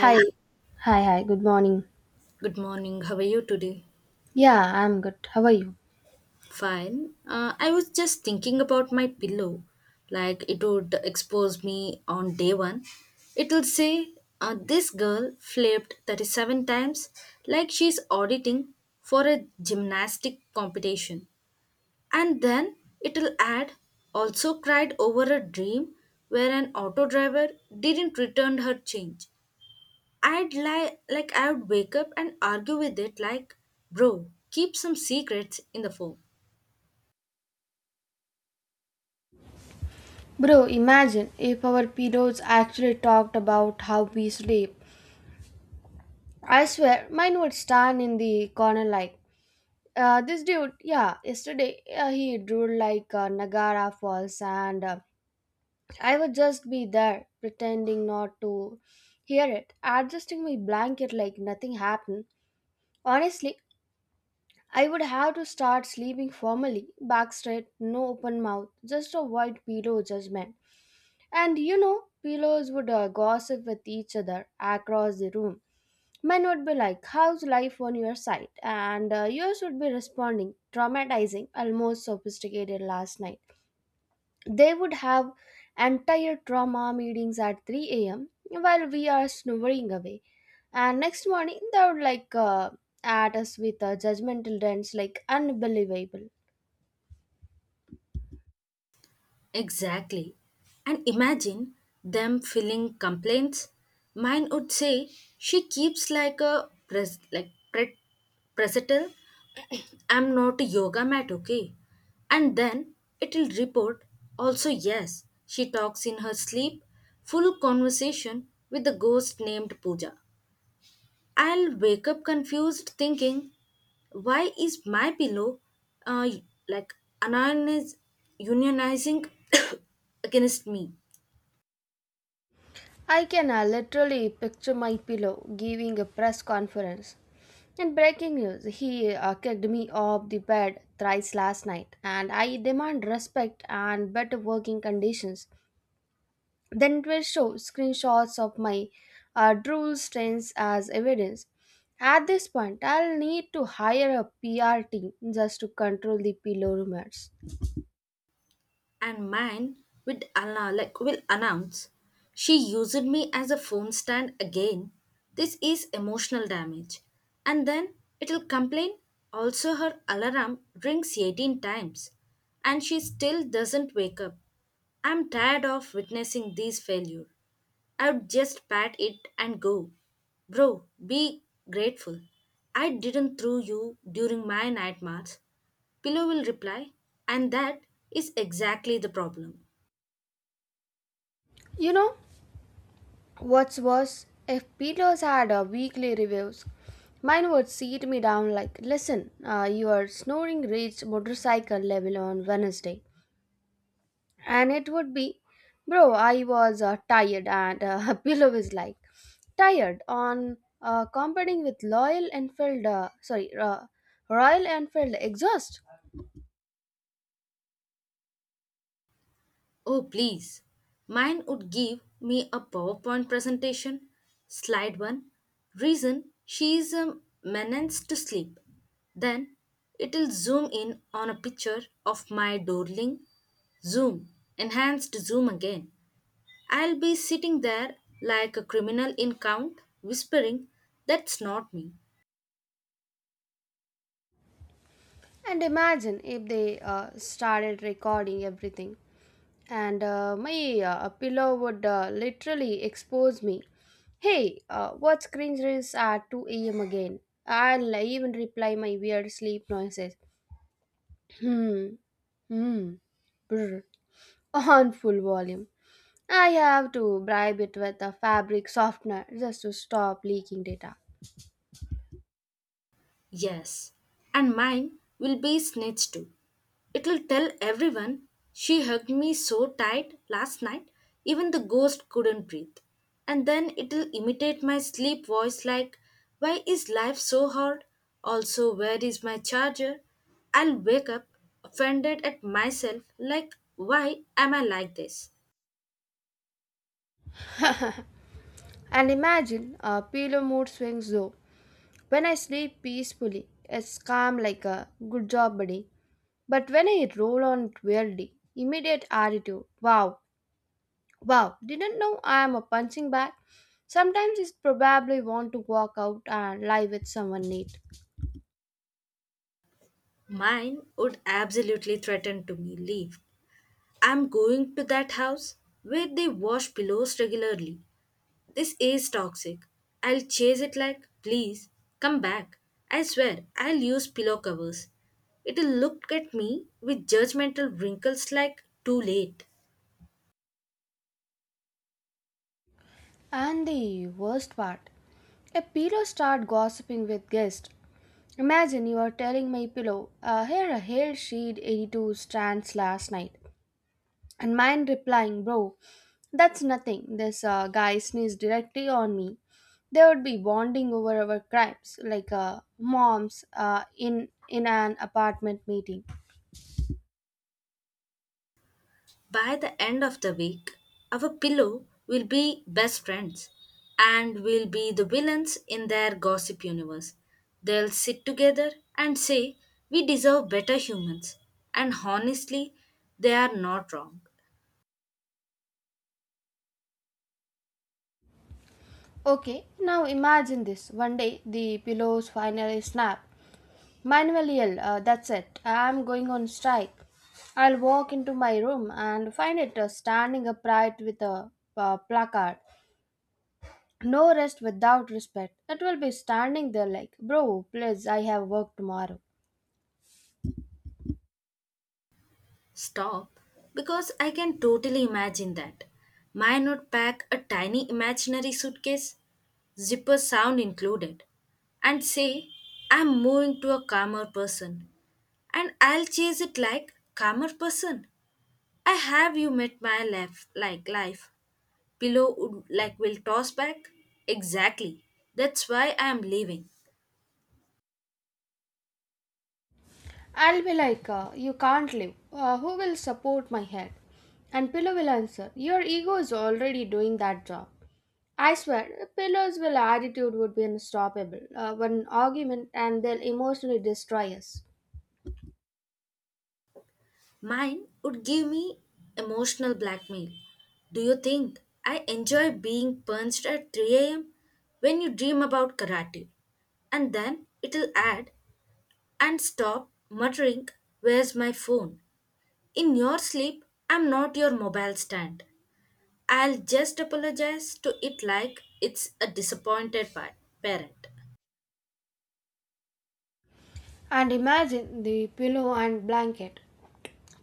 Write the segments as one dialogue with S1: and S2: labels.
S1: Hi, hi, hi, good morning.
S2: good morning. How are you today?
S1: Yeah, I'm good. How are you?
S2: Fine. I was just thinking about my pillow. Like it would expose me on day one. It'll say, this girl flipped 37 times like she's auditing for a gymnastic competition. And then it'll add, also cried over a dream where an auto driver didn't return her change. I'd like I would wake up and argue with it like, bro, keep some secrets in the phone.
S1: Bro, imagine if our pedos actually talked about how we sleep. I swear, mine would stand in the corner like, this dude, yeah, yesterday he drew like Niagara Falls, and I would just be there pretending not to hear it, adjusting my blanket like nothing happened. Honestly, I would have to start sleeping formally, back straight, no open mouth, just avoid pillow judgment. And you know, pillows would gossip with each other across the room. Mine would be like, how's life on your side? And yours would be responding, traumatizing, almost sophisticated last night. They would have entire trauma meetings at 3 a.m. while we are snoring away. And next morning, they would like at us with a judgmental dents like unbelievable.
S2: Exactly. And imagine them filling complaints. Mine would say she keeps like a presetal. I'm not a yoga mat, okay? And then it'll report, also yes, she talks in her sleep, full conversation with the ghost named Pooja. I'll wake up confused thinking, why is my pillow uh, like unioniz- unionizing against me?
S1: I can literally picture my pillow giving a press conference. In breaking news, he kicked me off the bed thrice last night, and I demand respect and better working conditions. Then it will show screenshots of my drool stains as evidence. At this point, I'll need to hire a PR team just to control the pillow rumors.
S2: And mine with Anna like will announce she used me as a phone stand again. This is emotional damage. And then it'll complain, also her alarm rings 18 times and she still doesn't wake up. I'm tired of witnessing these failures. I would just pat it and go, bro, be grateful. I didn't throw you during my night march. Pillow will reply, and that is exactly the problem.
S1: You know, what's worse, if Peters had a weekly reviews, mine would seat me down like, listen, your snoring reached motorcycle level on Wednesday. And it would be, bro, I was tired. And Pillow is like, tired on competing with Loyal Enfield, sorry, Royal Enfield exhaust.
S2: Oh, please. Mine would give me a PowerPoint presentation. Slide 1, reason she is a menace to sleep. Then it'll zoom in on a picture of my darling. Zoom, enhanced zoom again. I'll be sitting there like a criminal in count, whispering, that's not me.
S1: And imagine if they started recording everything, and my pillow would literally expose me. Hey, what's cringe is at 2 a.m. again? I'll even reply my weird sleep noises. Hmm, hmm, brr, on full volume. I have to bribe it with a fabric softener just to stop leaking data.
S2: Yes. And mine will be snitched too. It'll tell everyone she hugged me so tight last night, even the ghost couldn't breathe. And then it'll imitate my sleep voice like, why is life so hard? Also, where is my charger? I'll wake up offended at myself, like, why am I like this?
S1: And imagine a pillow mood swings though. When I sleep peacefully, it's calm like a good job, buddy. But when I roll on it weirdly, immediate attitude. Wow, wow, didn't know I am a punching bag. Sometimes it's probably want to walk out and lie with someone neat.
S2: Mine would absolutely threaten to me leave. I'm going to that house where they wash pillows regularly. This is toxic. I'll chase it like, please, come back. I swear, I'll use pillow covers. It'll look at me with judgmental wrinkles like, too late.
S1: And the worst part, a pillow start gossiping with guests. Imagine you are telling my pillow, here a hair sheet 82 strands last night, and mine replying, bro, that's nothing. This guy sneezed directly on me. They would be bonding over our crimes, like moms in an apartment meeting.
S2: By the end of the week, our pillow will be best friends and will be the villains in their gossip universe. They'll sit together and say, we deserve better humans. And honestly, they are not wrong.
S1: Okay, now imagine this. One day the pillows finally snap. Manuel, yell, that's it. I'm going on strike. I'll walk into my room and find it standing upright with a placard. No rest without respect. It will be standing there like, bro, please, I have work tomorrow.
S2: Stop, because I can totally imagine that. Might not pack a tiny imaginary suitcase, zipper sound included, and say, I'm moving to a calmer person. And I'll chase it like, calmer person. I have you met my life like life. Pillow would like will toss back? Exactly. That's why I am leaving.
S1: I'll be like, you can't live. Who will support my head? And Pillow will answer, your ego is already doing that job. I swear, Pillow's will attitude would be unstoppable. One argument and they'll emotionally destroy us.
S2: Mine would give me emotional blackmail. Do you think I enjoy being punched at 3 a.m. when you dream about karate? And then it'll add, and stop muttering, where's my phone? In your sleep, I'm not your mobile stand. I'll just apologize to it like it's a disappointed parent.
S1: And imagine the pillow and blanket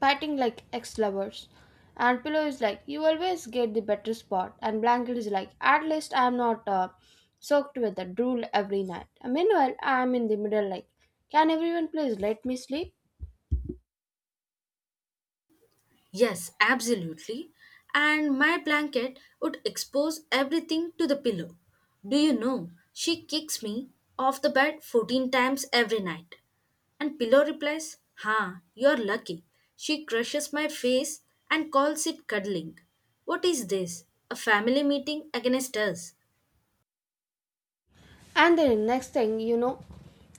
S1: fighting like ex lovers. And pillow is like, you always get the better spot. And blanket is like, at least I'm not soaked with the drool every night. And meanwhile, I'm in the middle, like, can everyone please let me sleep?
S2: Yes, absolutely. And my blanket would expose everything to the pillow. Do you know, she kicks me off the bed 14 times every night. And pillow replies, "Ha, you're lucky. She crushes my face and calls it cuddling. What is this? A family meeting against us?"
S1: And then next thing, you know,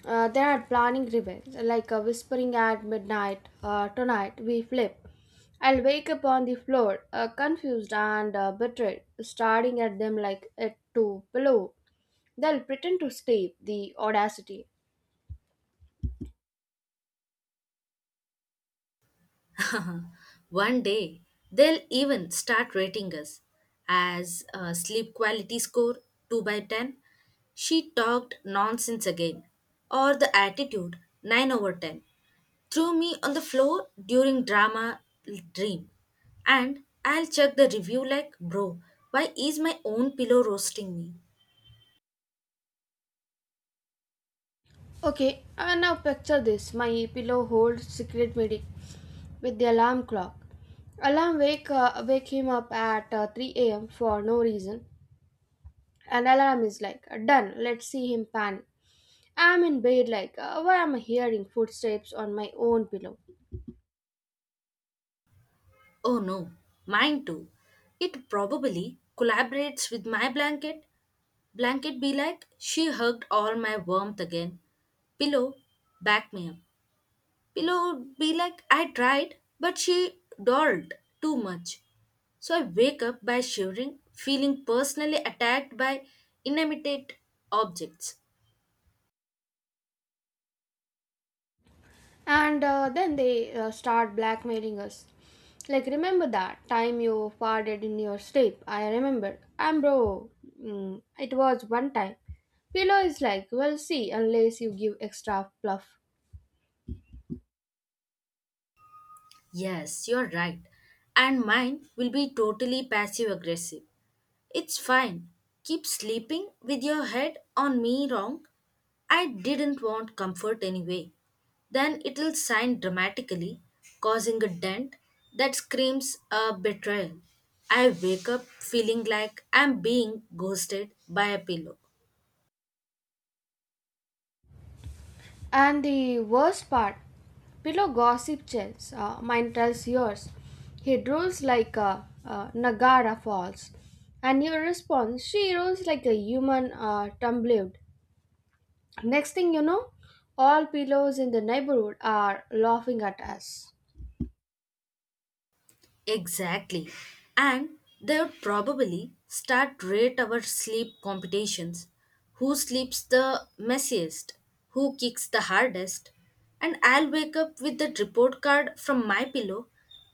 S1: they are planning revenge, like whispering at midnight. Tonight we flip. I'll wake up on the floor, confused and betrayed, staring at them like at to pillow. They'll pretend to sleep. The audacity.
S2: One day, they'll even start rating us as a sleep quality score, 2 by 10. She talked nonsense again, or the attitude 9 over 10. Threw me on the floor during drama dream. And I'll check the review like, bro, why is my own pillow roasting me?
S1: Okay, I now picture this. My pillow holds secret meeting with the alarm clock. Alarm wake him up at 3 a.m. for no reason. And alarm is like, done, let's see him panic. I'm in bed like, why am I hearing footsteps on my own pillow?
S2: Oh no, mine too. It probably collaborates with my blanket. Blanket be like, she hugged all my warmth again. Pillow, back me up. Pillow would be like, I tried, but she dolled too much. So I wake up by shivering, feeling personally attacked by inanimate objects.
S1: And then they start blackmailing us like, remember that time you farted in your sleep? I remember. I'm bro, it was one time. Pillow is like, well see, unless you give extra fluff.
S2: Yes, you're right. And mine will be totally passive aggressive. It's fine. Keep sleeping with your head on me wrong, I didn't want comfort anyway. Then it'll sign dramatically, causing a dent that screams a betrayal. I wake up feeling like I'm being ghosted by a pillow.
S1: And the worst part, pillow gossip chance. Mine tells yours, he drools like a, nagara falls. And your response, she rolls like a human tumbled. Next thing you know, all pillows in the neighborhood are laughing at us.
S2: Exactly. And they would probably start rate our sleep competitions. Who sleeps the messiest? Who kicks the hardest? And I'll wake up with the report card from my pillow.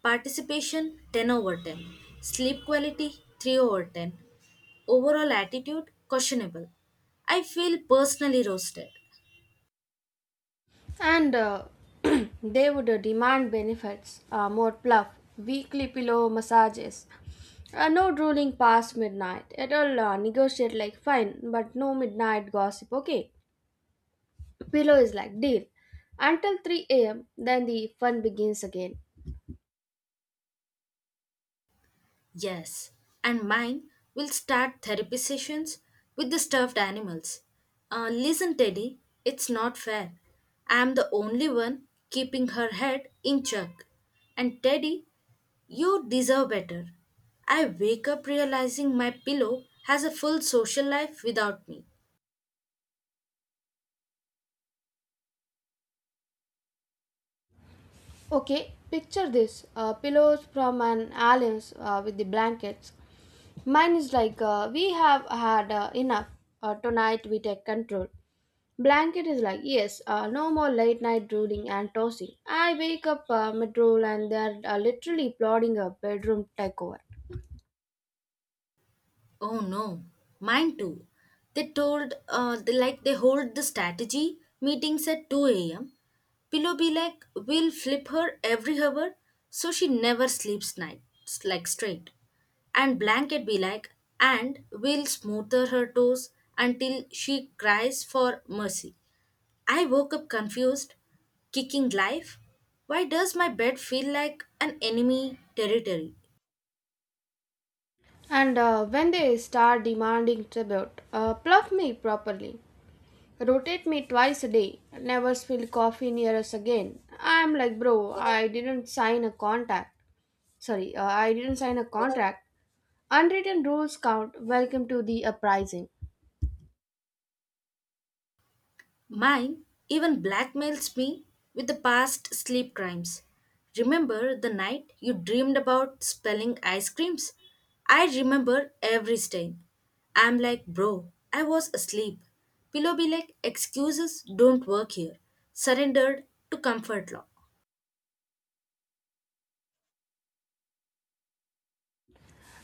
S2: Participation 10 over 10. Sleep quality 3 over 10. Overall attitude questionable. I feel personally roasted.
S1: And they would demand benefits, more pluff, weekly pillow massages, no drooling past midnight. It'll negotiate like fine, but no midnight gossip, okay? Pillow is like deal. Until 3 a.m., then the fun begins again.
S2: Yes, and mine will start therapy sessions with the stuffed animals. Listen, Teddy, it's not fair. I am the only one keeping her head in check. And Teddy, you deserve better. I wake up realizing my pillow has a full social life without me.
S1: Okay, picture this, pillows from an aliens with the blankets. Mine is like, we have had enough. Tonight we take control. Blanket is like, yes, no more late night drooling and tossing. I wake up mid drool and they're literally plotting a bedroom takeover.
S2: Oh no, mine too. They hold the strategy meetings at 2 a.m. Pillow be like, we'll flip her every hour so she never sleeps night like straight. And blanket be like, and we'll smother her toes until she cries for mercy. I woke up confused, kicking life. Why does my bed feel like an enemy territory?
S1: And when they start demanding tribute, pluff me properly. Rotate me twice a day. Never spill coffee near us again. I'm like, bro, I didn't sign a contract. Sorry, I didn't sign a contract. Unwritten rules count. Welcome to the uprising.
S2: Mine even blackmails me with the past sleep crimes. Remember the night you dreamed about spelling ice creams? I remember every stain. I'm like, bro, I was asleep. Pillow be like, excuses don't work here. Surrendered to comfort law.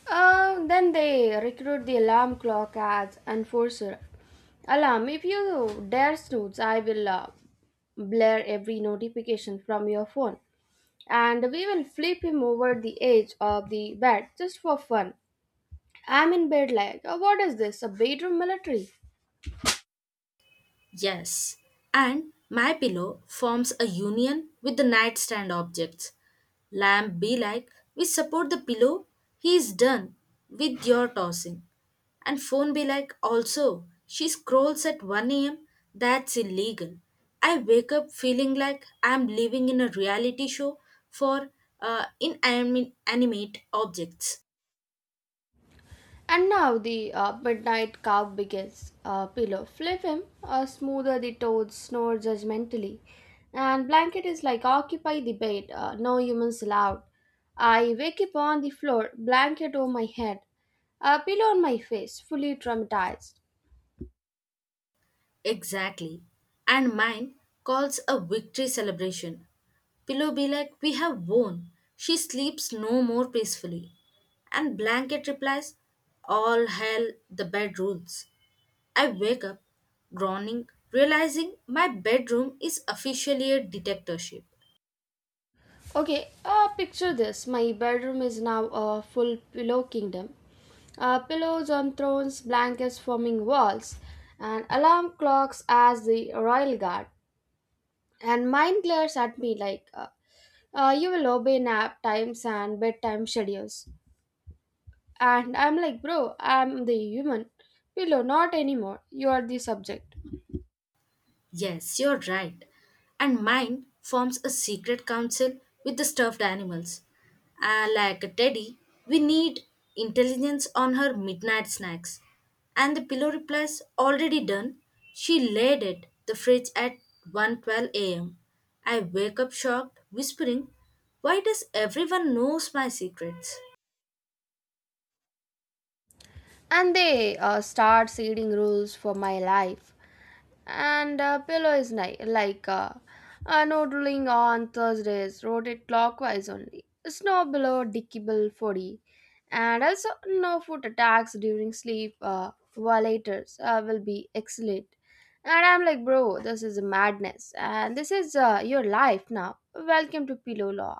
S1: Then they recruit the alarm clock as enforcer. Alarm, if you dare snooze, I will blare every notification from your phone. And we will flip him over the edge of the bed just for fun. I'm in bed like, "Oh, what is this? A bedroom military?"
S2: Yes. And my pillow forms a union with the nightstand objects. Lamb be like, we support the pillow, he's done with your tossing. And phone be like, also, she scrolls at 1 a.m., that's illegal. I wake up feeling like I'm living in a reality show for inanimate animate objects.
S1: And now the midnight calf begins. Pillow, flip him, smoother the toads snore judgmentally. And blanket is like occupy the bed, no humans allowed. I wake up on the floor, blanket over my head, a pillow on my face, fully traumatized.
S2: Exactly. And mine calls a victory celebration. Pillow be like, we have won. She sleeps no more peacefully. And blanket replies, all hell, the bed rules. I wake up, groaning, realizing my bedroom is officially a dictatorship.
S1: Okay, picture this. My bedroom is now a full pillow kingdom. Pillows on thrones, blankets forming walls, and alarm clocks as the royal guard. And mine glares at me like you will obey nap times and bedtime schedules. And I'm like, bro, I'm the human. Pillow, not anymore, you are the subject.
S2: Yes, you're right. And mine forms a secret council with the stuffed animals. Ah, like a teddy, we need intelligence on her midnight snacks. And the pillow replies, already done. She laid it the fridge at 1:12 a.m. I wake up shocked, whispering, "Why does everyone knows my secrets?"
S1: And they start setting rules for my life. And pillow is nice like no drilling on thursdays, rotate clockwise only, snow below decibel 40, and also no foot attacks during sleep. Violators will be excellent. And I'm like, bro, this is madness. And this is your life now. Welcome to pillow law.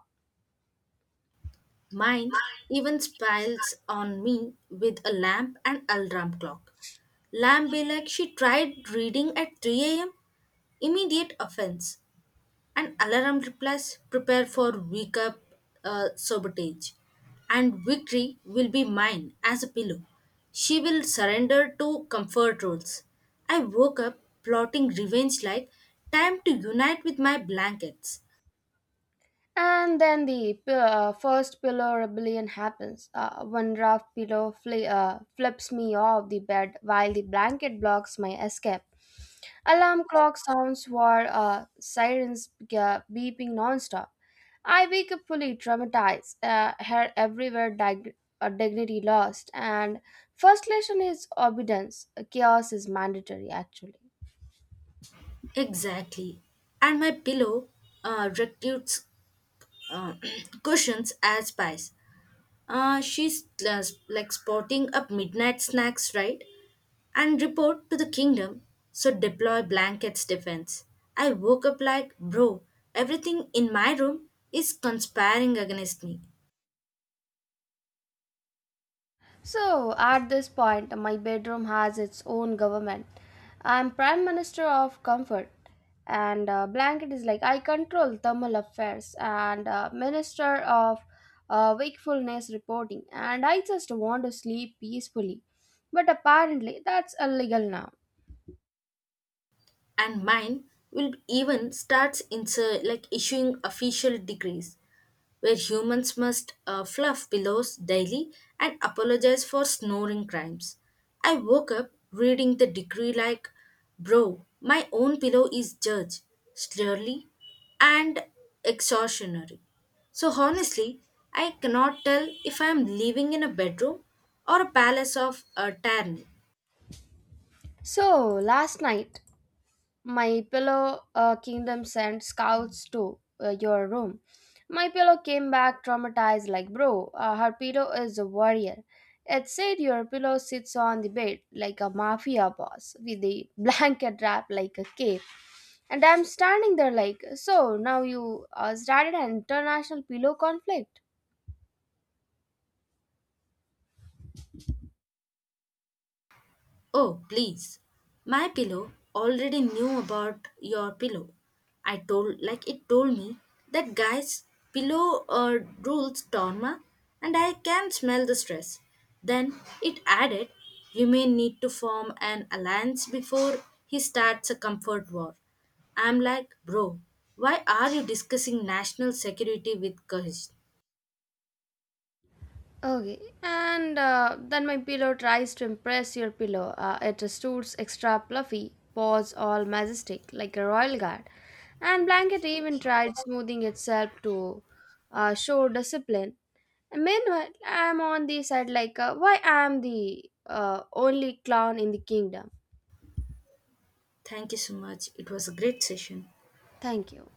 S2: Mine even smiles on me with a lamp and alarm clock. Lamp be like, she tried reading at 3 a.m. Immediate offense. And alarm replies, prepare for wake up sabotage. And victory will be mine as a pillow. She will surrender to comfort rules. I woke up plotting revenge like, time to unite with my blankets.
S1: And then the first pillow rebellion happens. One rough pillow flips me off the bed while the blanket blocks my escape. Alarm clock sounds were sirens beeping nonstop. I wake up fully traumatized, hair everywhere, dignity lost. And first lesson is obedience. Chaos is mandatory, actually.
S2: Exactly. And my pillow refutes uh, cushions as pies. She's sporting up midnight snacks, right? And report to the kingdom, so deploy blankets defense. I woke up like, bro, everything in my room is conspiring against me,
S1: So, at this point, my bedroom has its own government. I'm Prime Minister of Comfort, and blanket is like I control thermal affairs and Minister of Wakefulness Reporting, and I just want to sleep peacefully. But apparently, that's illegal now.
S2: and mine will even starts insert like issuing official decrees, where humans must fluff pillows daily and apologize for snoring crimes. I woke up reading the decree like, bro, my own pillow is judge, slurly, and extortionary. So honestly, I cannot tell if I am living in a bedroom or a palace of a tyranny.
S1: So, last night, my Pillow Kingdom sent scouts to your room. My Pillow came back traumatized, like, bro, her pillow is a warrior. It said your pillow sits on the bed like a mafia boss with a blanket wrap like a cape. And I'm standing there like, so now you started an international pillow conflict.
S2: Oh, please. My pillow already knew about your pillow. I told like it told me, that guy's pillow rules Torma and I can smell the stress. Then it added, you may need to form an alliance before he starts a comfort war. I'm like, bro, why are you discussing national security with Kahish?
S1: Okay, and then my pillow tries to impress your pillow. It stoots extra fluffy, paws all majestic like a royal guard, and blanket even tried smoothing itself to show discipline. And meanwhile, I'm on the side like, why I'm the only clown in the kingdom.
S2: Thank you so much. It was a great session.
S1: Thank you.